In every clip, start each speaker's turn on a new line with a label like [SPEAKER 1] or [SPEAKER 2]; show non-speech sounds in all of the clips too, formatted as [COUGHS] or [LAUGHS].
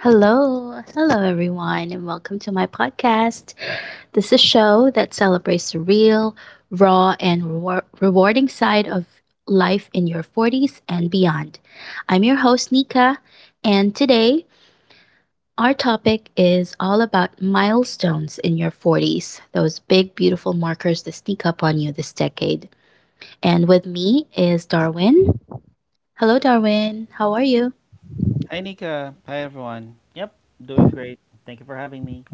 [SPEAKER 1] Hello, hello everyone, and welcome to my podcast. This is a show that celebrates the real, raw, and rewarding side of life in your 40s and beyond. I'm your host, Nika, and today our topic is all about milestones in your 40s, those big, beautiful markers that sneak up on you this decade. And with me is Darwin. Hello, Darwin. How are you?
[SPEAKER 2] Hi Nika. Hi everyone. Yep, doing great. Thank you for having me.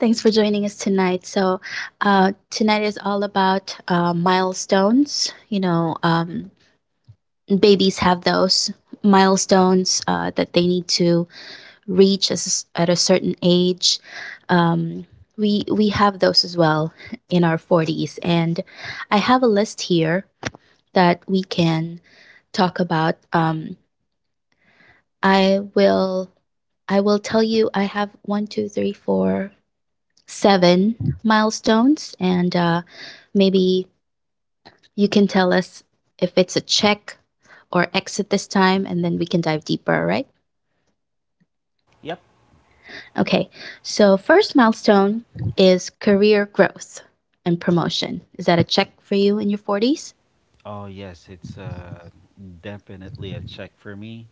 [SPEAKER 1] Thanks for joining us tonight. So, tonight is all about milestones. Babies have those milestones that they need to reach at a certain age. Um, we have those as well in our forties, and I have a list here that we can talk about. I will I will tell you. I have one, two, three, four, seven milestones, and maybe you can tell us if it's a check or exit this time, and then we can dive deeper, right?
[SPEAKER 2] Yep.
[SPEAKER 1] Okay, so first milestone is career growth and promotion. Is that a check for you in your 40s?
[SPEAKER 2] Oh yes, it's definitely a check for me.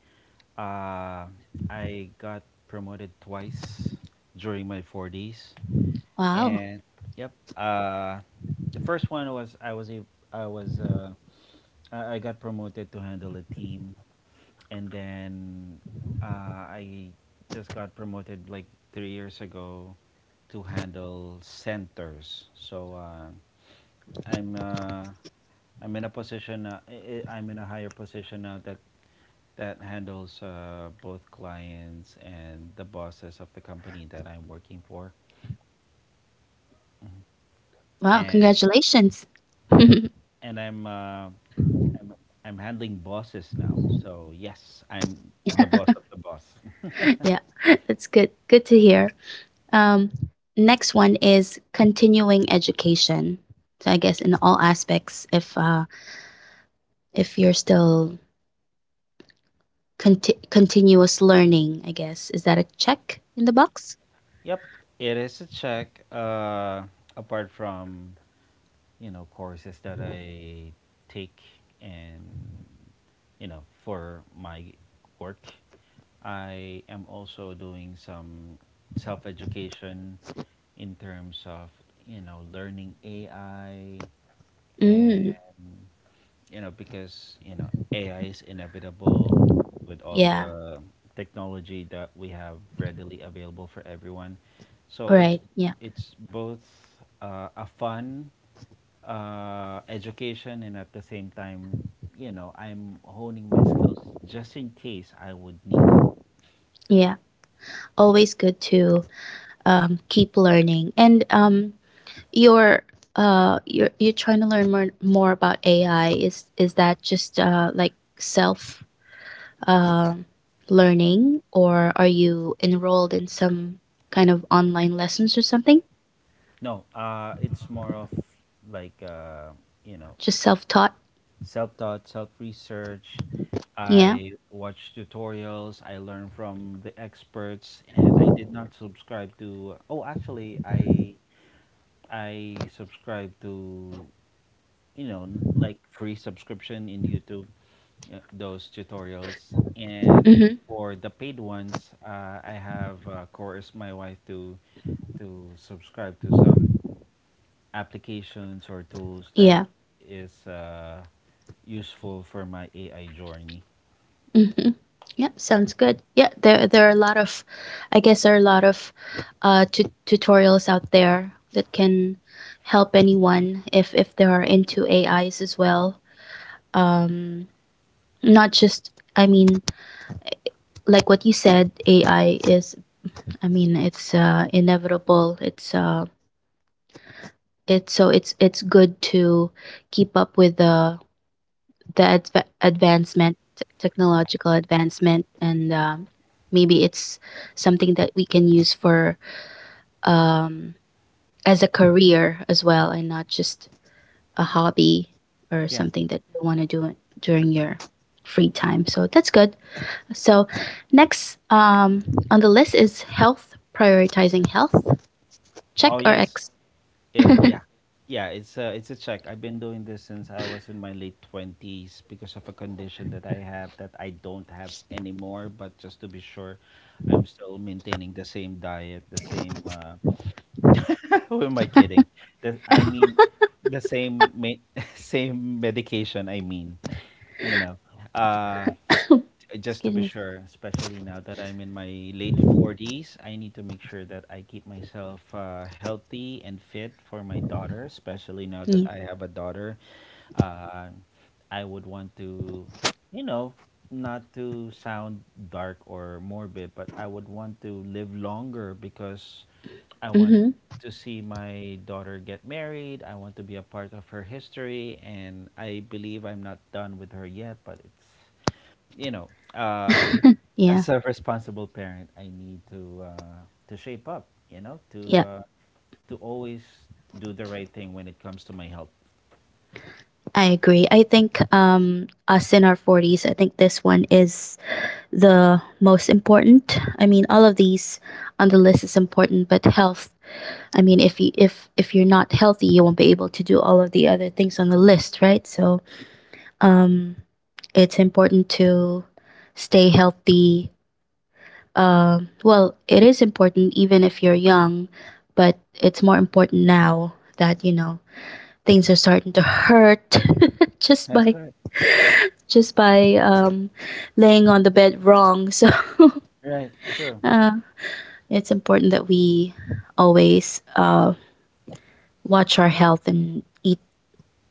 [SPEAKER 2] Uh I got promoted twice during my 40s
[SPEAKER 1] Wow,
[SPEAKER 2] and yep. Uh the first one was I was uh, I got promoted to handle a team, and then I just got promoted like 3 years ago to handle centers. So I'm uh, I'm in a position. I'm in a higher position now that handles both clients and the bosses of the company that I'm working for,
[SPEAKER 1] wow,
[SPEAKER 2] and
[SPEAKER 1] congratulations.
[SPEAKER 2] right,
[SPEAKER 1] [LAUGHS]
[SPEAKER 2] and I'm I'm handling bosses now. So yes, I'm the boss of the boss. [LAUGHS]
[SPEAKER 1] Yeah, [LAUGHS] that's good. Good to hear. Um, next one is continuing education. So I guess in all aspects, if you're still continuous learning, I guess. Is that a check in the box?
[SPEAKER 2] Yep, it is a check. Apart from you know courses that I take, and you know for my work, I am also doing some self education in terms of, you know, learning AI, and,
[SPEAKER 1] Mm,
[SPEAKER 2] you know, because, you know, AI is inevitable with all
[SPEAKER 1] yeah.
[SPEAKER 2] the technology that we have readily available for everyone. So
[SPEAKER 1] Right. Yeah.
[SPEAKER 2] it's both a fun education, and at the same time, you know, I'm honing my skills just in case I would need it.
[SPEAKER 1] Yeah. Always good to keep learning. And your you're trying to learn more about AI. Is that just like self uh, learning, or are you enrolled in some kind of online lessons or something?
[SPEAKER 2] No, it's more of like you know,
[SPEAKER 1] Just self taught.
[SPEAKER 2] self-taught, self-research.
[SPEAKER 1] Yeah.
[SPEAKER 2] I watch tutorials, I learn from the experts, and I did not subscribe to. Oh, actually, I subscribe to you know like free subscription in YouTube, those tutorials.
[SPEAKER 1] Mm-hmm.
[SPEAKER 2] And for the paid ones, I have coerced my wife to subscribe to some applications or tools that
[SPEAKER 1] Yeah.
[SPEAKER 2] is useful for my AI journey.
[SPEAKER 1] Mhm. Yep, sounds good. Yeah, there are a lot of I guess there are a lot of tutorials out there that can help anyone if they are into AIs as well. Um not just I mean like what you said AI is it's inevitable. It's it's so it's good to keep up with the advancement, t- technological advancement, and maybe it's something that we can use for um, as a career as well, and not just a hobby or
[SPEAKER 2] Yeah.
[SPEAKER 1] something that you want to do it during your free time. So that's good. So next on the list is health, prioritizing health.
[SPEAKER 2] Oh
[SPEAKER 1] Check or
[SPEAKER 2] yes,
[SPEAKER 1] X.
[SPEAKER 2] Eh, yeah, yeah. It's a check. I've been doing this since I was in my late 20s because of a condition that I have that I don't have anymore. But just to be sure, I'm still maintaining the same diet, the same. [LAUGHS] Who am I kidding? The, I mean, the [LAUGHS] same medication. I mean, you know. Uh,
[SPEAKER 1] [COUGHS]
[SPEAKER 2] just to
[SPEAKER 1] Excuse
[SPEAKER 2] be
[SPEAKER 1] me.
[SPEAKER 2] sure, especially now that I'm in my late 40s, I need to make sure that I keep myself healthy and fit for my daughter, especially now that
[SPEAKER 1] Yeah.
[SPEAKER 2] I have a daughter. Uh, I would want to, you know, not to sound dark or morbid, but I would want to live longer because I want
[SPEAKER 1] Mm-hmm.
[SPEAKER 2] to see my daughter get married. I want to be a part of her history, and I believe I'm not done with her yet, but it's you know, uh,
[SPEAKER 1] Yeah.
[SPEAKER 2] as a responsible parent, I need to shape up. You know,
[SPEAKER 1] Yeah.
[SPEAKER 2] to always do the right thing when it comes to my health.
[SPEAKER 1] I agree. I think us in our 40s, I think this one is the most important. I mean, all of these on the list is important, but health. I mean, if you if you're not healthy, you won't be able to do all of the other things on the list, right? So, um, it's important to stay healthy. Well, it is important even if you're young, but it's more important now that you know things are starting to hurt [LAUGHS] just
[SPEAKER 2] That's
[SPEAKER 1] by
[SPEAKER 2] right.
[SPEAKER 1] just by um, laying on the bed wrong. [LAUGHS] So
[SPEAKER 2] Right. True.
[SPEAKER 1] uh, it's important that we always watch our health and eat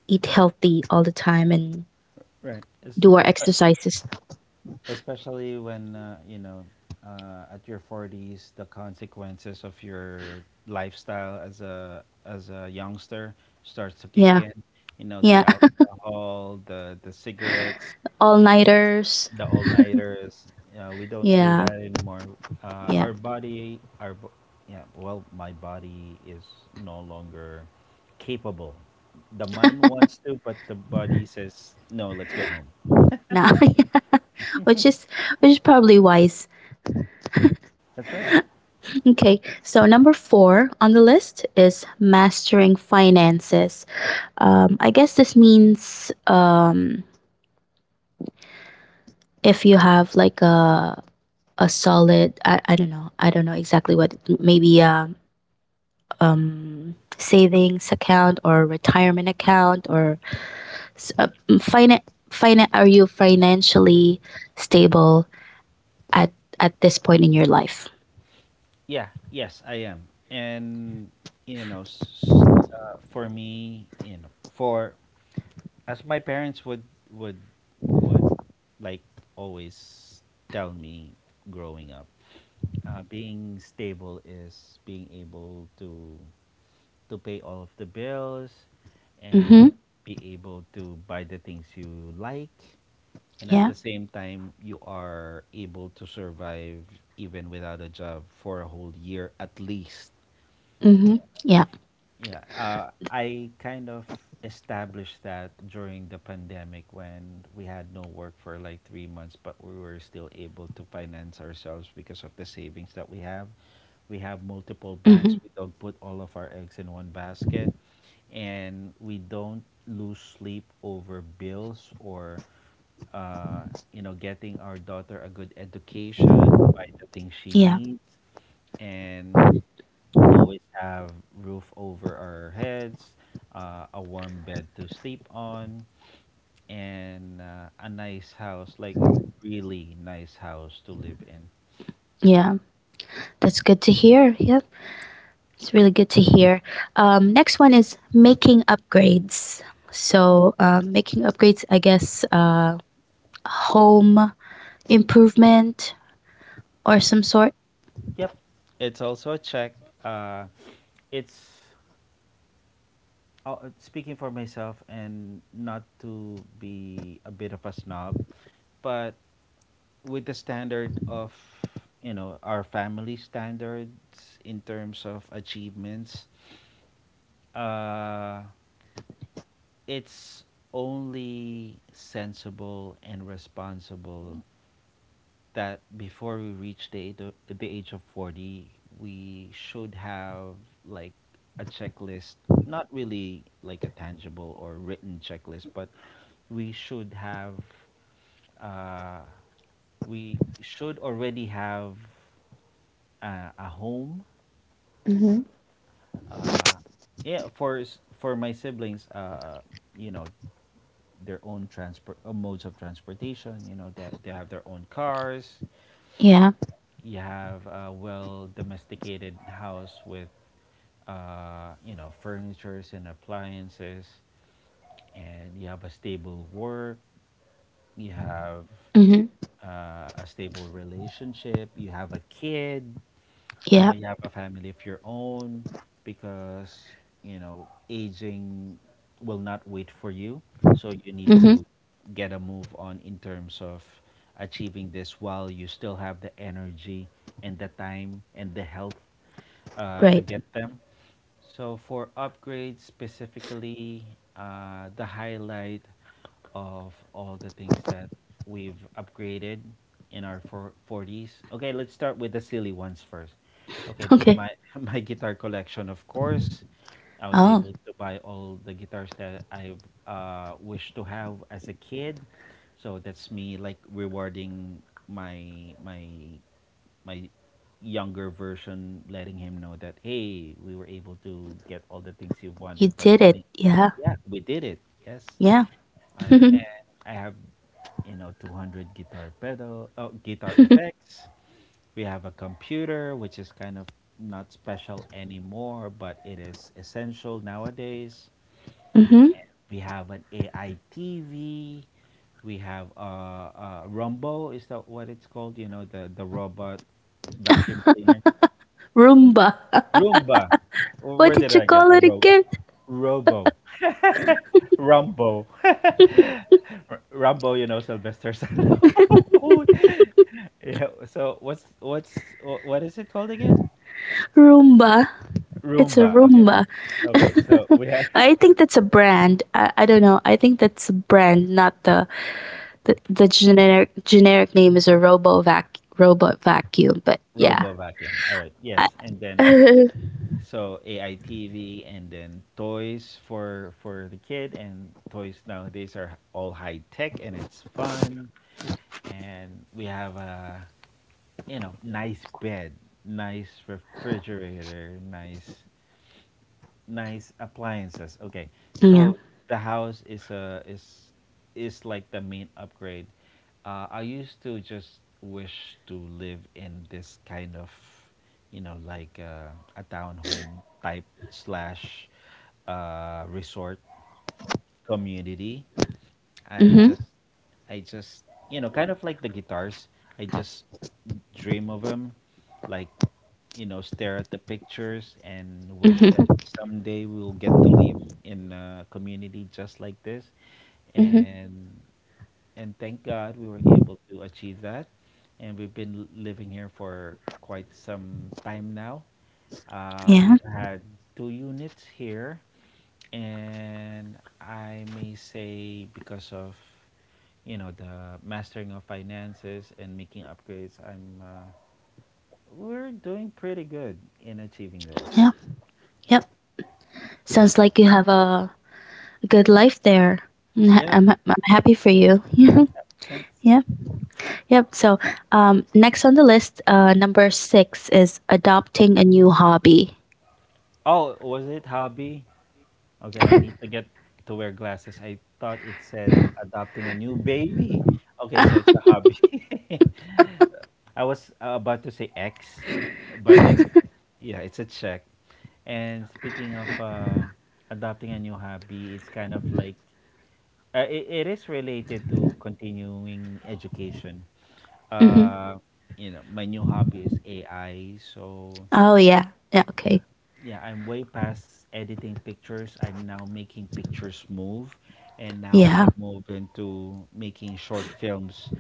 [SPEAKER 1] eat healthy all the time and
[SPEAKER 2] Right.
[SPEAKER 1] do our exercises.
[SPEAKER 2] Especially when you know, at your forties, the consequences of your lifestyle as a youngster starts to kick
[SPEAKER 1] Yeah,
[SPEAKER 2] in. You know,
[SPEAKER 1] yeah,
[SPEAKER 2] the alcohol, the cigarettes,
[SPEAKER 1] [LAUGHS] all nighters.
[SPEAKER 2] the all nighters. We don't do
[SPEAKER 1] Yeah,
[SPEAKER 2] that anymore.
[SPEAKER 1] yeah.
[SPEAKER 2] Our body, our bo- Yeah, well, my body is no longer capable. The mind wants to, but the body says no. Let's go home.
[SPEAKER 1] Nah, [LAUGHS] yeah. Which is which is probably wise.
[SPEAKER 2] That's right.
[SPEAKER 1] Okay, so number four on the list is mastering finances. I guess this means if you have like a solid I don't know exactly what maybe savings account or retirement account or s- uh, finan- are you financially stable at at this point in your life?
[SPEAKER 2] Yeah, yes, I am. And you know, for me, you know, for as my parents would would would like always tell me growing up, being stable is being able to pay all of the bills and
[SPEAKER 1] Mm-hmm.
[SPEAKER 2] be able to buy the things you like, and at
[SPEAKER 1] Yeah.
[SPEAKER 2] the same time you are able to survive even without a job for a whole year at least.
[SPEAKER 1] Mm-hmm. Yeah.
[SPEAKER 2] Yeah, I kind of established that during the pandemic when we had no work for like 3 months, but we were still able to finance ourselves because of the savings that we have. We have multiple
[SPEAKER 1] Mm-hmm.
[SPEAKER 2] banks. We don't put all of our eggs in one basket, and we don't lose sleep over bills or, uh, you know, getting our daughter a good education, buy the things she
[SPEAKER 1] Yeah.
[SPEAKER 2] needs, and always have roof over our heads, a warm bed to sleep on, and a nice house, like really nice house to live in.
[SPEAKER 1] Yeah, that's good to hear. Yeah, it's really good to hear. Next one is making upgrades. So making upgrades, I guess home improvement or some sort.
[SPEAKER 2] Yep, it's also a check. Uh, it's Speaking for myself and not to be a bit of a snob, but with the standard of you know our family standards in terms of achievements, uh it's only sensible and responsible that before we reach the age of 40, we should have like a checklist, not really like a tangible or written checklist, but we should have uh, we should already have a home,
[SPEAKER 1] Mm-hmm.
[SPEAKER 2] uh, yeah for for my siblings, you know, their own transport, modes of transportation. You know, they have their own cars.
[SPEAKER 1] Yeah.
[SPEAKER 2] You have a well domesticated house with, you know, furnitures and appliances, and you have a stable work. You have
[SPEAKER 1] Mm-hmm.
[SPEAKER 2] a stable relationship. You have a kid. You know,
[SPEAKER 1] Yeah.
[SPEAKER 2] you have a family of your own, because you know aging will not wait for you, so you need
[SPEAKER 1] Mm-hmm.
[SPEAKER 2] to get a move on in terms of achieving this while you still have the energy and the time and the health to
[SPEAKER 1] Right. [LAUGHS]
[SPEAKER 2] get them. So for upgrades specifically, the highlight of all the things that we've upgraded in our 40s. Okay, let's start with the silly ones first. Okay,
[SPEAKER 1] Okay.
[SPEAKER 2] my [LAUGHS] my guitar collection, of course. I was
[SPEAKER 1] Oh,
[SPEAKER 2] able to buy all the guitars that I wished to have as a kid. So that's me like rewarding my my my younger version, letting him know that hey, we were able to get all the things you
[SPEAKER 1] you
[SPEAKER 2] wanted, but
[SPEAKER 1] did
[SPEAKER 2] and
[SPEAKER 1] it. Yeah.
[SPEAKER 2] yeah, we did it. Yes,
[SPEAKER 1] Yeah.
[SPEAKER 2] all
[SPEAKER 1] [LAUGHS]
[SPEAKER 2] right. And I have you know 200 guitar pedal, oh, guitar
[SPEAKER 1] mm-hmm.
[SPEAKER 2] effects. We have a computer, which is kind of not special anymore, but it is essential nowadays. We have an AI TV. We have rumbo, is that what it's called, you know, the robot vacuum cleaner.
[SPEAKER 1] Roomba. [LAUGHS]
[SPEAKER 2] Roomba.
[SPEAKER 1] What
[SPEAKER 2] Where did
[SPEAKER 1] did you
[SPEAKER 2] I get
[SPEAKER 1] call
[SPEAKER 2] a
[SPEAKER 1] it
[SPEAKER 2] ro
[SPEAKER 1] again?
[SPEAKER 2] Robo? Rumbo. [LAUGHS] Rumbo, you know, Sylvester Stallone. [LAUGHS] Yeah. So what is it called again?
[SPEAKER 1] Roomba. It's a
[SPEAKER 2] Roomba. Okay.
[SPEAKER 1] Roomba.
[SPEAKER 2] Okay. So
[SPEAKER 1] [LAUGHS]
[SPEAKER 2] we have
[SPEAKER 1] I
[SPEAKER 2] [LAUGHS]
[SPEAKER 1] think that's a brand. I don't know. I think that's a brand, not the the generic name is a robo vac robot vacuum. But yeah.
[SPEAKER 2] robo vacuum. All right.
[SPEAKER 1] I,
[SPEAKER 2] Yes. And then so AI TV, and then toys for the kid, and toys nowadays are all high tech, and it's fun. And we have a you know, nice bed, nice refrigerator, nice appliances. Okay.
[SPEAKER 1] [LAUGHS] yeah.
[SPEAKER 2] So the house is a is is like the main upgrade. I used to just wish to live in this kind of, you know, like a townhome type slash resort community. I
[SPEAKER 1] Hmm.
[SPEAKER 2] just, I just, you know, kind of like the guitars. I just dream of them, like you know, stare at the pictures and wish that
[SPEAKER 1] Hmm.
[SPEAKER 2] someday we'll get to live in a community just like this.
[SPEAKER 1] Hmm.
[SPEAKER 2] And and thank God we were able to achieve that. And we've been living here for quite some time now.
[SPEAKER 1] Yeah.
[SPEAKER 2] We've had two units here, and I may say because of you know the mastering of finances and making upgrades, I'm we're doing pretty good in achieving those.
[SPEAKER 1] Yeah. Yep. Sounds like you have a good life there. Mm,
[SPEAKER 2] Yep.
[SPEAKER 1] I'm happy for you. [LAUGHS]
[SPEAKER 2] Yep, thanks.
[SPEAKER 1] Yeah. Yep. Yep. So, next on the list, number six is adopting a new hobby.
[SPEAKER 2] Oh, was it hobby? Okay, I need to get to wear glasses. I thought it said adopting a new baby. Okay, so it's a hobby. [LAUGHS] I was about to say X, but
[SPEAKER 1] [LAUGHS]
[SPEAKER 2] it's yeah, it's a check. And speaking of adopting a new hobby, it's kind of like it is related to continuing education.
[SPEAKER 1] Hmm.
[SPEAKER 2] Uh, you know, my new hobby is AI. So
[SPEAKER 1] Oh, yeah. Yeah.
[SPEAKER 2] yeah,
[SPEAKER 1] Okay.
[SPEAKER 2] yeah, I'm way past editing pictures. I'm now making pictures move, and now
[SPEAKER 1] Yeah.
[SPEAKER 2] I move into making short films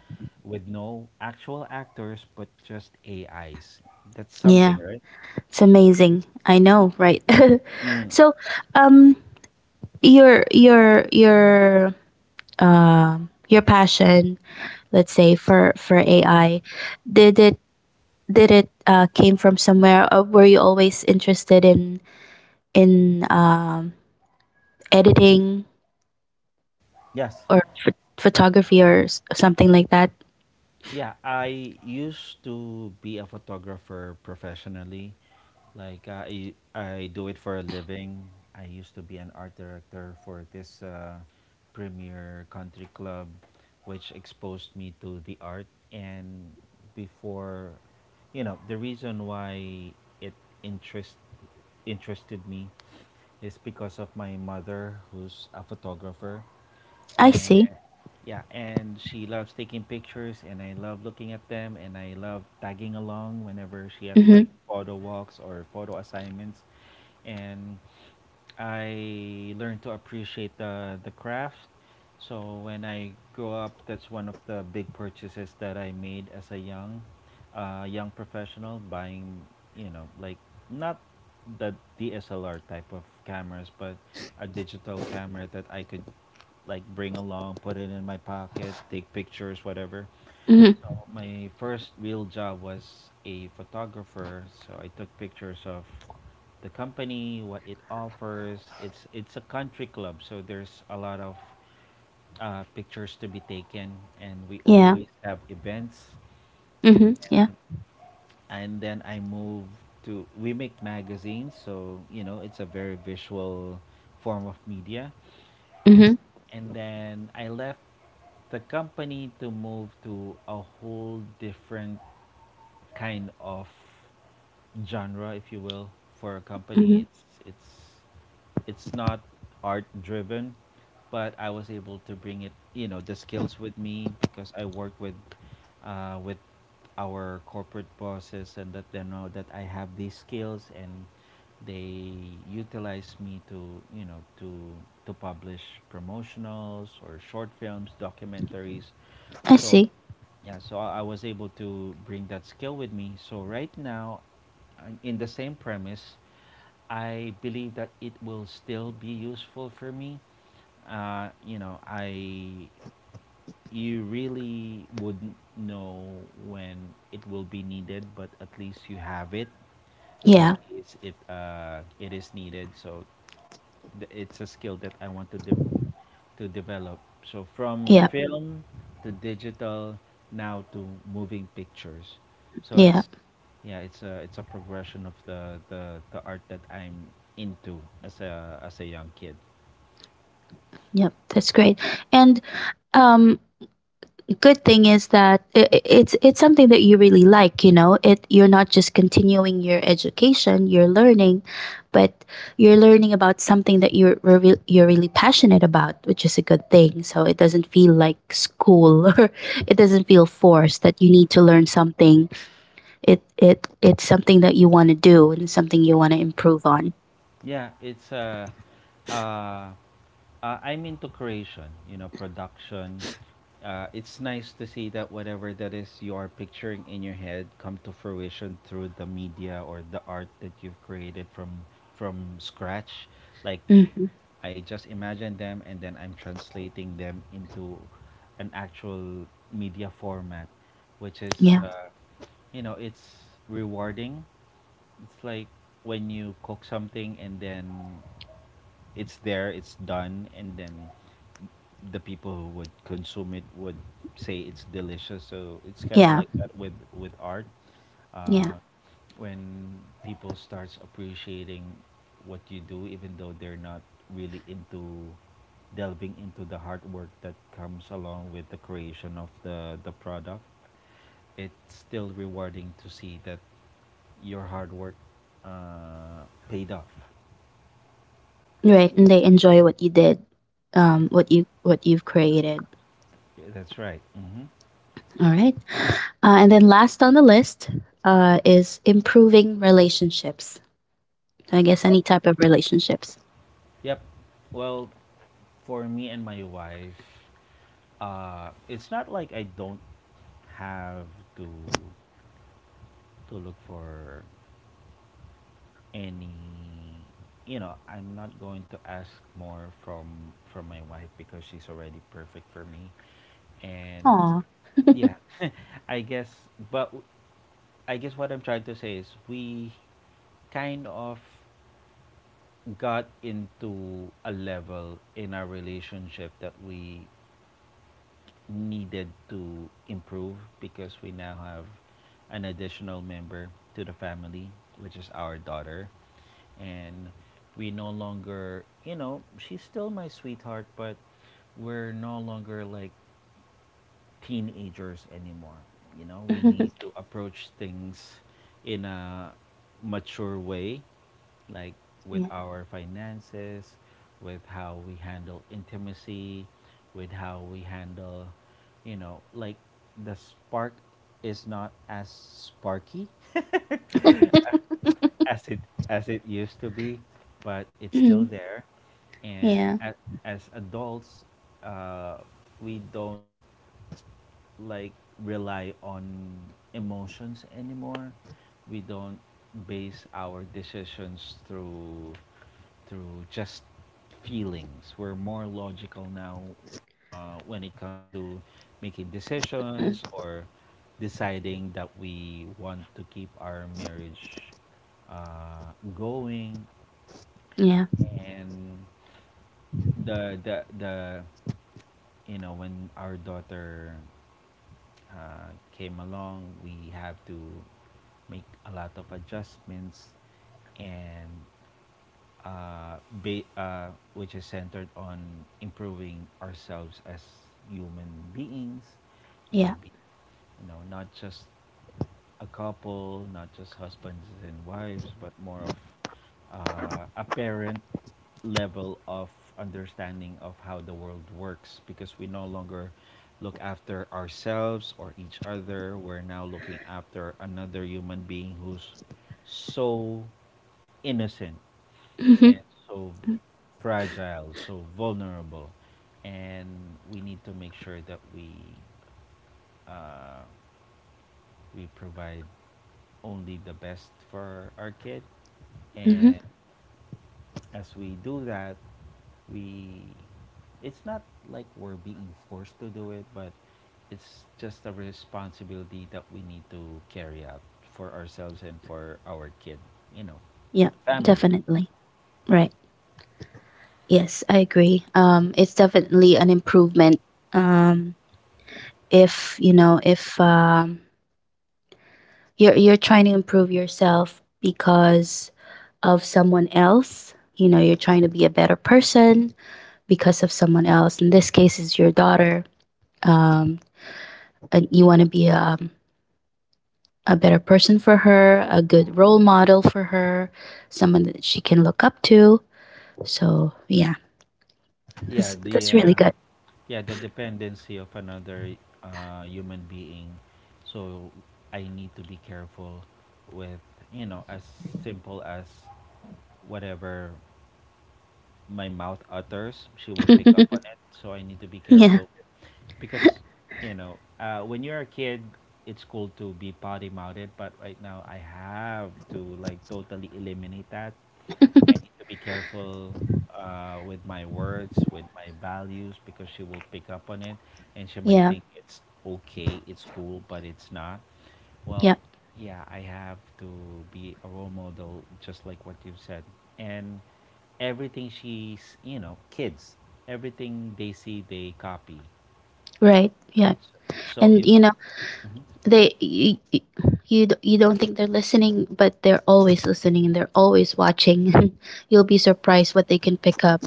[SPEAKER 2] with no actual actors but just AIs. That's
[SPEAKER 1] Yeah.
[SPEAKER 2] something, right?
[SPEAKER 1] It's amazing. I know, right? [LAUGHS]
[SPEAKER 2] Mm,
[SPEAKER 1] So, um, your, your, your, your passion, let's say for AI, did it did it came from somewhere, or were you always interested in in um, editing
[SPEAKER 2] yes.
[SPEAKER 1] or photography or something like that?
[SPEAKER 2] Yeah, I used to be a photographer professionally. Like I do it for a living. I used to be an art director for this premier country club, which exposed me to the art. And before, you know, the reason why it interest interested me is because of my mother, who's a photographer,
[SPEAKER 1] I
[SPEAKER 2] and
[SPEAKER 1] see.
[SPEAKER 2] yeah, and she loves taking pictures, and I love looking at them, and I love tagging along whenever she has
[SPEAKER 1] Mm-hmm.
[SPEAKER 2] like photo walks or photo assignments, and I learned to appreciate the craft. So when I grow up, that's one of the big purchases that I made as a young, young professional, buying you know like not the DSLR type of cameras, but a digital camera that I could like bring along, put it in my pocket, take pictures, whatever.
[SPEAKER 1] Mm-hmm.
[SPEAKER 2] My first real job was a photographer, so I took pictures of the company, what it offers. It's a country club, so there's a lot of pictures to be taken, and we
[SPEAKER 1] Yeah.
[SPEAKER 2] always have events.
[SPEAKER 1] Mm-hmm.
[SPEAKER 2] and
[SPEAKER 1] Yeah.
[SPEAKER 2] and then I moved to, we make magazines, so you know it's a very visual form of media.
[SPEAKER 1] Mm-hmm.
[SPEAKER 2] And then I left the company to move to a whole different kind of genre, if you will, for a company.
[SPEAKER 1] Mm-hmm.
[SPEAKER 2] It's not art driven, but I was able to bring it, you know, the skills with me because I work with uh, with our corporate bosses, and that they know that I have these skills, and they utilize me to, to publish promotionals or short films, documentaries.
[SPEAKER 1] I
[SPEAKER 2] So
[SPEAKER 1] see.
[SPEAKER 2] yeah, so I was able to bring that skill with me, so right now, in the same premise, I believe that it will still be useful for me. I, you really wouldn't know when it will be needed, but at least you have it in
[SPEAKER 1] Yeah.
[SPEAKER 2] case it is needed. So it's a skill that I want to to develop. So from
[SPEAKER 1] Yeah.
[SPEAKER 2] film to digital, now to moving pictures. So
[SPEAKER 1] Yeah.
[SPEAKER 2] it's yeah, it's a progression of the art that I'm into as a young kid.
[SPEAKER 1] Yep, that's great. And um good thing is that it's something that you really like, you know it, you're not just continuing your education, you're learning, but you're learning about something that you're you're really passionate about, which is a good thing, so it doesn't feel like school [LAUGHS] or it doesn't feel forced that you need to learn something. It it's something that you want to do and something you want to improve on.
[SPEAKER 2] Yeah, it's uh, uh I'm into creation, you know, production. It's nice to see that whatever that is you are picturing in your head come to fruition through the media or the art that you've created from scratch. Like,
[SPEAKER 1] Hmm.
[SPEAKER 2] I just imagine them, and then I'm translating them into an actual media format, which is,
[SPEAKER 1] Yeah.
[SPEAKER 2] you know, it's rewarding. It's like when you cook something, and then it's there, it's done, and then the people who would consume it would say it's delicious. So it's kind of
[SPEAKER 1] Yeah.
[SPEAKER 2] like that, with art.
[SPEAKER 1] Yeah.
[SPEAKER 2] uh, when people starts appreciating what you do, even though they're not really into delving into the hard work that comes along with the creation of the product, it's still rewarding to see that your hard work, uh, paid off.
[SPEAKER 1] Right, and they enjoy what you did, what you what you've created.
[SPEAKER 2] Yeah, that's right. Mm-hmm.
[SPEAKER 1] All right. And then last on the list is improving relationships. I guess
[SPEAKER 2] Oh,
[SPEAKER 1] any type of relationships.
[SPEAKER 2] yep. Well, for me and my wife, it's not like I don't have to to look for any, you know, I'm not going to ask more from my wife, because she's already perfect for me. And
[SPEAKER 1] Aw.
[SPEAKER 2] yeah. [LAUGHS] I guess, but w- I guess what I'm trying to say is we kind of got into a level in our relationship that we needed to improve, because we now have an additional member to the family, which is our daughter. And we no longer, you know, she's still my sweetheart, but we're no longer like teenagers anymore. You know, we need
[SPEAKER 1] [LAUGHS]
[SPEAKER 2] to approach things in a mature way, like with
[SPEAKER 1] yeah.
[SPEAKER 2] our finances, with how we handle intimacy, with how we handle, you know, like the spark is not as sparky [LAUGHS]
[SPEAKER 1] [LAUGHS]
[SPEAKER 2] as it as it used to be, but it's still
[SPEAKER 1] Mhm.
[SPEAKER 2] there. And
[SPEAKER 1] Yeah.
[SPEAKER 2] as adults, uh, we don't, like, rely on emotions anymore. We don't base our decisions through just feelings. We're more logical now when it comes to making
[SPEAKER 1] Mm.
[SPEAKER 2] decisions, or deciding that we want to keep our marriage going.
[SPEAKER 1] Yeah.
[SPEAKER 2] And the you know, when our daughter came along, we have to make a lot of adjustments, and which is centered on improving ourselves as human beings. You
[SPEAKER 1] Yeah.
[SPEAKER 2] know, be, you know, not just a couple, not just husbands and wives, but more of a parent level of understanding of how the world works, because we no longer look after ourselves or each other. We're now looking after another human being, who's so innocent and
[SPEAKER 1] Hmm.
[SPEAKER 2] so fragile, so vulnerable, and we need to make sure that uh, we provide only the best for our kid. And
[SPEAKER 1] Hmm.
[SPEAKER 2] as we do that, we, it's not like we're being forced to do it, but it's just a responsibility that we need to carry out for ourselves and for our kid, you know,
[SPEAKER 1] Yeah.
[SPEAKER 2] family.
[SPEAKER 1] Definitely. Right. Yes, I agree. It's definitely an improvement. Um, if you know, if you're you're trying to improve yourself because of someone else, you know, you're trying to be a better person, because of someone else. In this case, it's your daughter. Um, and you want to be a better person for her, a good role model for her, someone that she can look up to. So yeah,
[SPEAKER 2] Yeah, the
[SPEAKER 1] that's really good.
[SPEAKER 2] yeah, the dependency of another human being. So I need to be careful with, you know, as simple as, whatever my mouth utters, she would pick up on
[SPEAKER 1] [LAUGHS]
[SPEAKER 2] it, so I need to be
[SPEAKER 1] Yeah,
[SPEAKER 2] careful. Because you know, when you're a kid, it's cool to be potty mouthed, but right now I have to like totally eliminate that. I need to be careful with my words, with my values, because she will pick up on it, and she might
[SPEAKER 1] yeah,
[SPEAKER 2] think it's okay, it's cool, but it's not. Well,
[SPEAKER 1] yeah.
[SPEAKER 2] yeah, I have to be a role model, just like what you said. And everything she's, you know, kids, everything they see, they copy.
[SPEAKER 1] Right. Yeah,
[SPEAKER 2] So, so
[SPEAKER 1] and
[SPEAKER 2] if,
[SPEAKER 1] you know they you, you you don't think they're listening, but they're always listening and they're always watching. [LAUGHS] And you'll be surprised what they can pick up.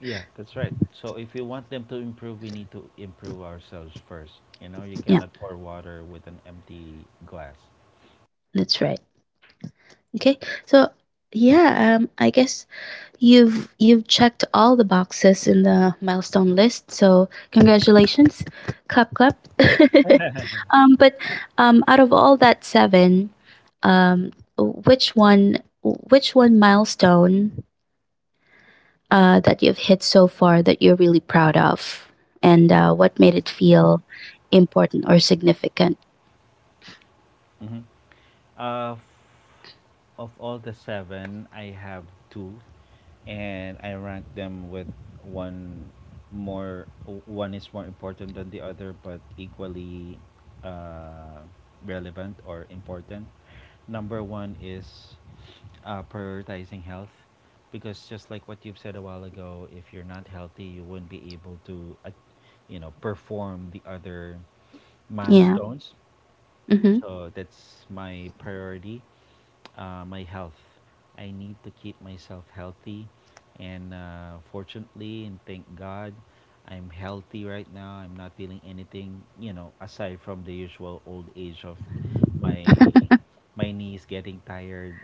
[SPEAKER 2] yeah, that's right. So if you want them to improve, we need to improve ourselves first. You know, you
[SPEAKER 1] [LAUGHS] Yeah,
[SPEAKER 2] cannot pour water with an empty glass.
[SPEAKER 1] that's right. Okay, so yeah, I guess you've checked all the boxes in the milestone list, so congratulations. Clap clap. [LAUGHS] But out of all that 7, um which one milestone that you've hit so far that you're really proud of, and what made it feel important or significant?
[SPEAKER 2] Uh, of all the seven, I have two, and I rank them with one more. One is more important than the other, but equally uh, relevant or important. Number one is prioritizing health, because just like what you've said a while ago, if you're not healthy, you wouldn't be able to, you know, perform the other
[SPEAKER 1] Yeah.
[SPEAKER 2] milestones.
[SPEAKER 1] Mhm.
[SPEAKER 2] So that's my priority, my health. I need to keep myself healthy, and fortunately, and thank God, I'm healthy right now. I'm not feeling anything, you know, aside from the usual old age of my my knees getting tired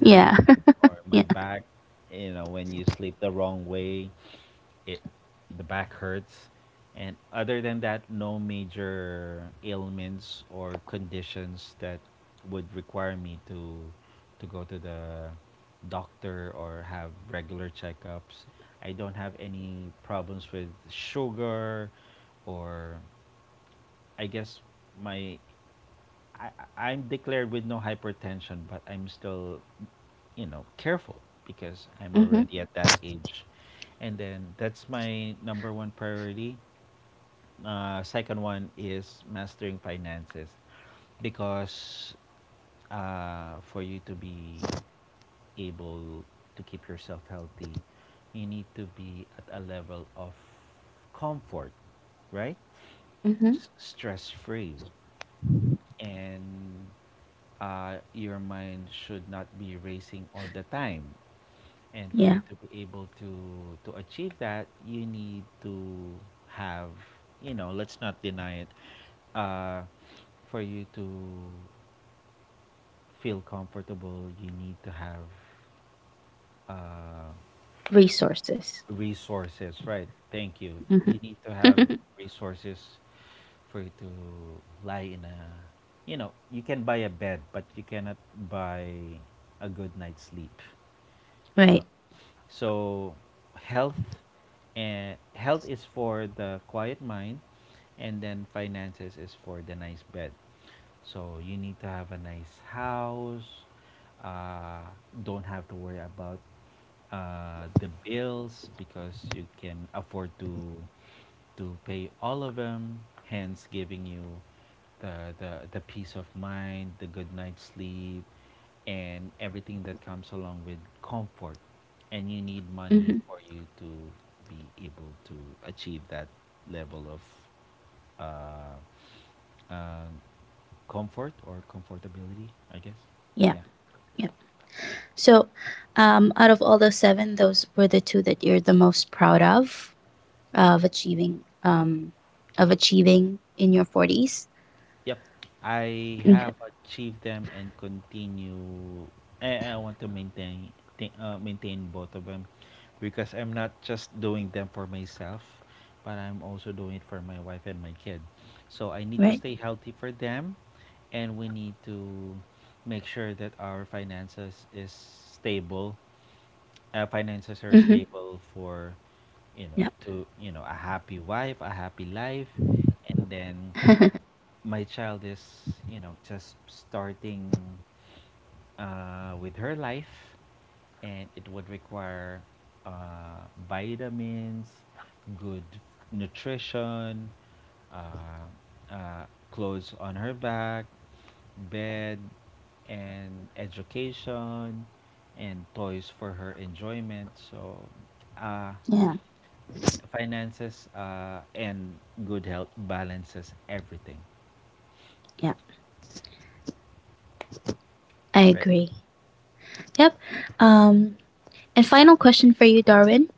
[SPEAKER 1] Yeah.
[SPEAKER 2] or
[SPEAKER 1] [LAUGHS] yeah.
[SPEAKER 2] my back, you know, when you sleep the wrong way, it the back hurts. And other than that, no major ailments or conditions that would require me to go to the doctor or have regular checkups. I don't have any problems with sugar, or I guess my, I, I'm declared with no hypertension, but I'm still, you know, careful because I'm
[SPEAKER 1] Mhm.
[SPEAKER 2] already at that age. And then that's my number one priority. Second one is mastering finances, because for you to be able to keep yourself healthy, you need to be at a level of comfort, right?
[SPEAKER 1] Mhm.
[SPEAKER 2] Stress free. And your mind should not be racing all the time, and for you
[SPEAKER 1] Yeah.
[SPEAKER 2] to be able to achieve that, you need to have, you know, let's not deny it, uh for you to feel comfortable, you need to have uh
[SPEAKER 1] Resources.
[SPEAKER 2] resources, right? Thank you. You
[SPEAKER 1] Mhm.
[SPEAKER 2] need to have
[SPEAKER 1] [LAUGHS]
[SPEAKER 2] resources for you to lie in a, you know, you can buy a bed, but you cannot buy a good night's sleep, you know.
[SPEAKER 1] Right.
[SPEAKER 2] So health, and health is for the quiet mind, and then finances is for the nice bed. So you need to have a nice house. Uh, don't have to worry about the bills because you can afford to pay all of them. Hence, giving you the peace of mind, the good night's sleep, and everything that comes along with comfort. And you need
[SPEAKER 1] Mhm.
[SPEAKER 2] money for you to be able to achieve that level of uh, uh, comfort or comfortability, I guess.
[SPEAKER 1] Yeah,
[SPEAKER 2] Yeah.
[SPEAKER 1] yep. So, out of all those 7, those were the 2 that you're the most proud of of achieving um of achieving in your 40s?
[SPEAKER 2] Yep. I
[SPEAKER 1] Okay.
[SPEAKER 2] have achieved them and continue. I want to maintain maintain both of them, because I'm not just doing them for myself, but I'm also doing it for my wife and my kid. So I need to
[SPEAKER 1] Right.
[SPEAKER 2] stay healthy for them, and we need to make sure that our finances is stable, finances
[SPEAKER 1] Mhm.
[SPEAKER 2] are stable for, you
[SPEAKER 1] Yep.
[SPEAKER 2] know, to, you know, a happy wife a happy life. And then
[SPEAKER 1] [LAUGHS]
[SPEAKER 2] my child is, you know, just starting with her life, and it would require vitamins, good nutrition, uh, uh, clothes on her back, bed, and education, and toys for her enjoyment. So, uh,
[SPEAKER 1] Yeah,
[SPEAKER 2] finances and good health balances everything,
[SPEAKER 1] yeah. I
[SPEAKER 2] right?
[SPEAKER 1] agree. Yep. Um, and final question for you, Darwin.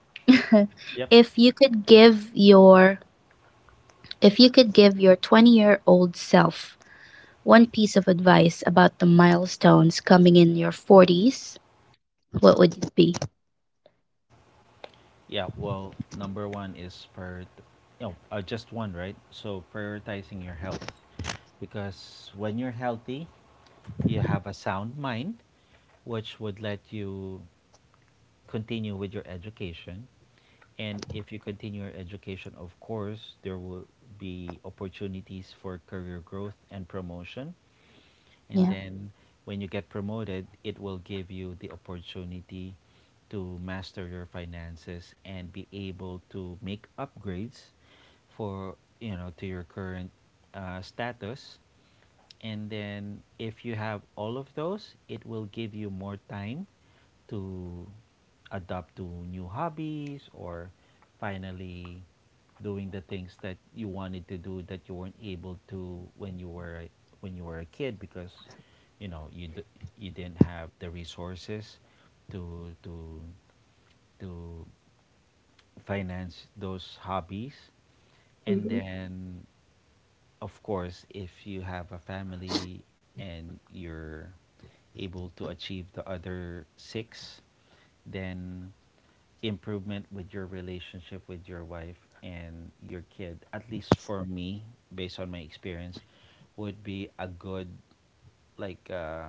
[SPEAKER 2] Yep.
[SPEAKER 1] [LAUGHS] if you could give your if you could give your 20-year-old self one piece of advice about the milestones coming in your 40s, what would it be?
[SPEAKER 2] Yeah, well, number one is prior, no, just one, right? So prioritizing your health, because when you're healthy, you have a sound mind, which would let you continue with your education. And if you continue your education, of course, there will be opportunities for career growth and promotion. And
[SPEAKER 1] Yeah.
[SPEAKER 2] then when you get promoted, it will give you the opportunity to master your finances and be able to make upgrades for, you know, to your current status. And then if you have all of those, it will give you more time to adapt to new hobbies, or finally doing the things that you wanted to do, that you weren't able to when you were, when you were a kid, because you know you didn't have the resources to, to finance those hobbies. And then of course, if you have a family, and you're able to achieve the other six, then improvement with your relationship with your wife and your kid, at least for me, based on my experience, would be a good, like uh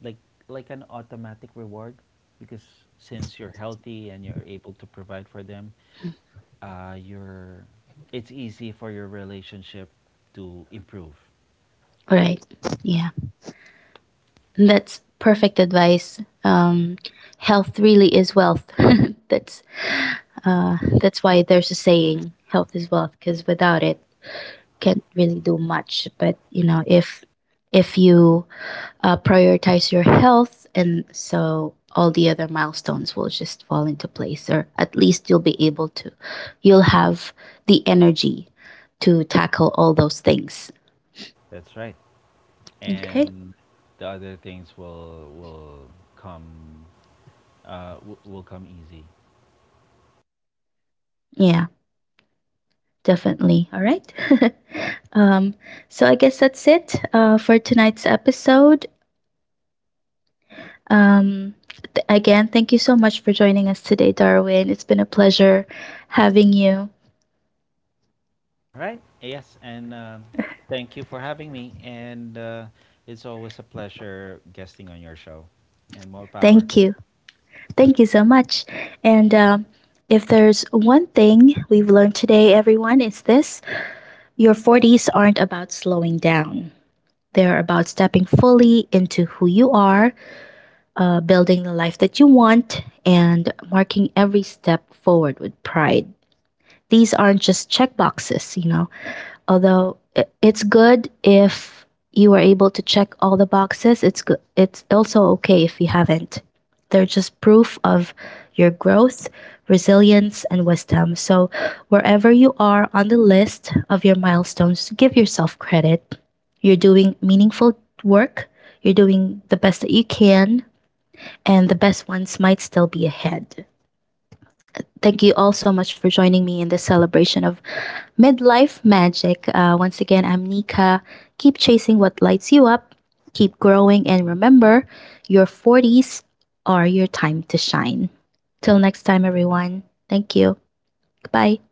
[SPEAKER 2] like like an automatic reward, because since you're healthy, and you're able to provide for them, you're, it's easy for your relationship to improve.
[SPEAKER 1] All right. Yeah. And that's perfect advice. Health really is wealth. [LAUGHS] that's that's why there's a saying, health is wealth, because without it, can't really do much. But you know, if you prioritize your health, and so all the other milestones will just fall into place, or at least you'll be able to you'll have the energy to tackle all those things.
[SPEAKER 2] That's right.
[SPEAKER 1] Okay.
[SPEAKER 2] And the other things will come will come easy.
[SPEAKER 1] Yeah, definitely. All right. [LAUGHS] um so I guess that's it, for tonight's episode. um Again, thank you so much for joining us today, Darwin. It's been a pleasure having you.
[SPEAKER 2] All right. Yes, and thank you for having me, and it's always a pleasure guesting on your show. And more power.
[SPEAKER 1] Thank you. Thank you so much. And if there's one thing we've learned today, everyone, it's this: your 40s aren't about slowing down. They're about stepping fully into who you are, building the life that you want, and marking every step forward with pride. These aren't just check boxes, you know, although it's good if you are able to check all the boxes, it's good, it's also okay if you haven't. They're just proof of your growth, resilience, and wisdom. So wherever you are on the list of your milestones, give yourself credit. You're doing meaningful work, you're doing the best that you can, and the best ones might still be ahead. Thank you all so much for joining me in this celebration of midlife magic. Once again, I'm Nika. Keep chasing what lights you up, keep growing, and remember your 40s are your time to shine. Till next time, everyone. Thank you. Goodbye.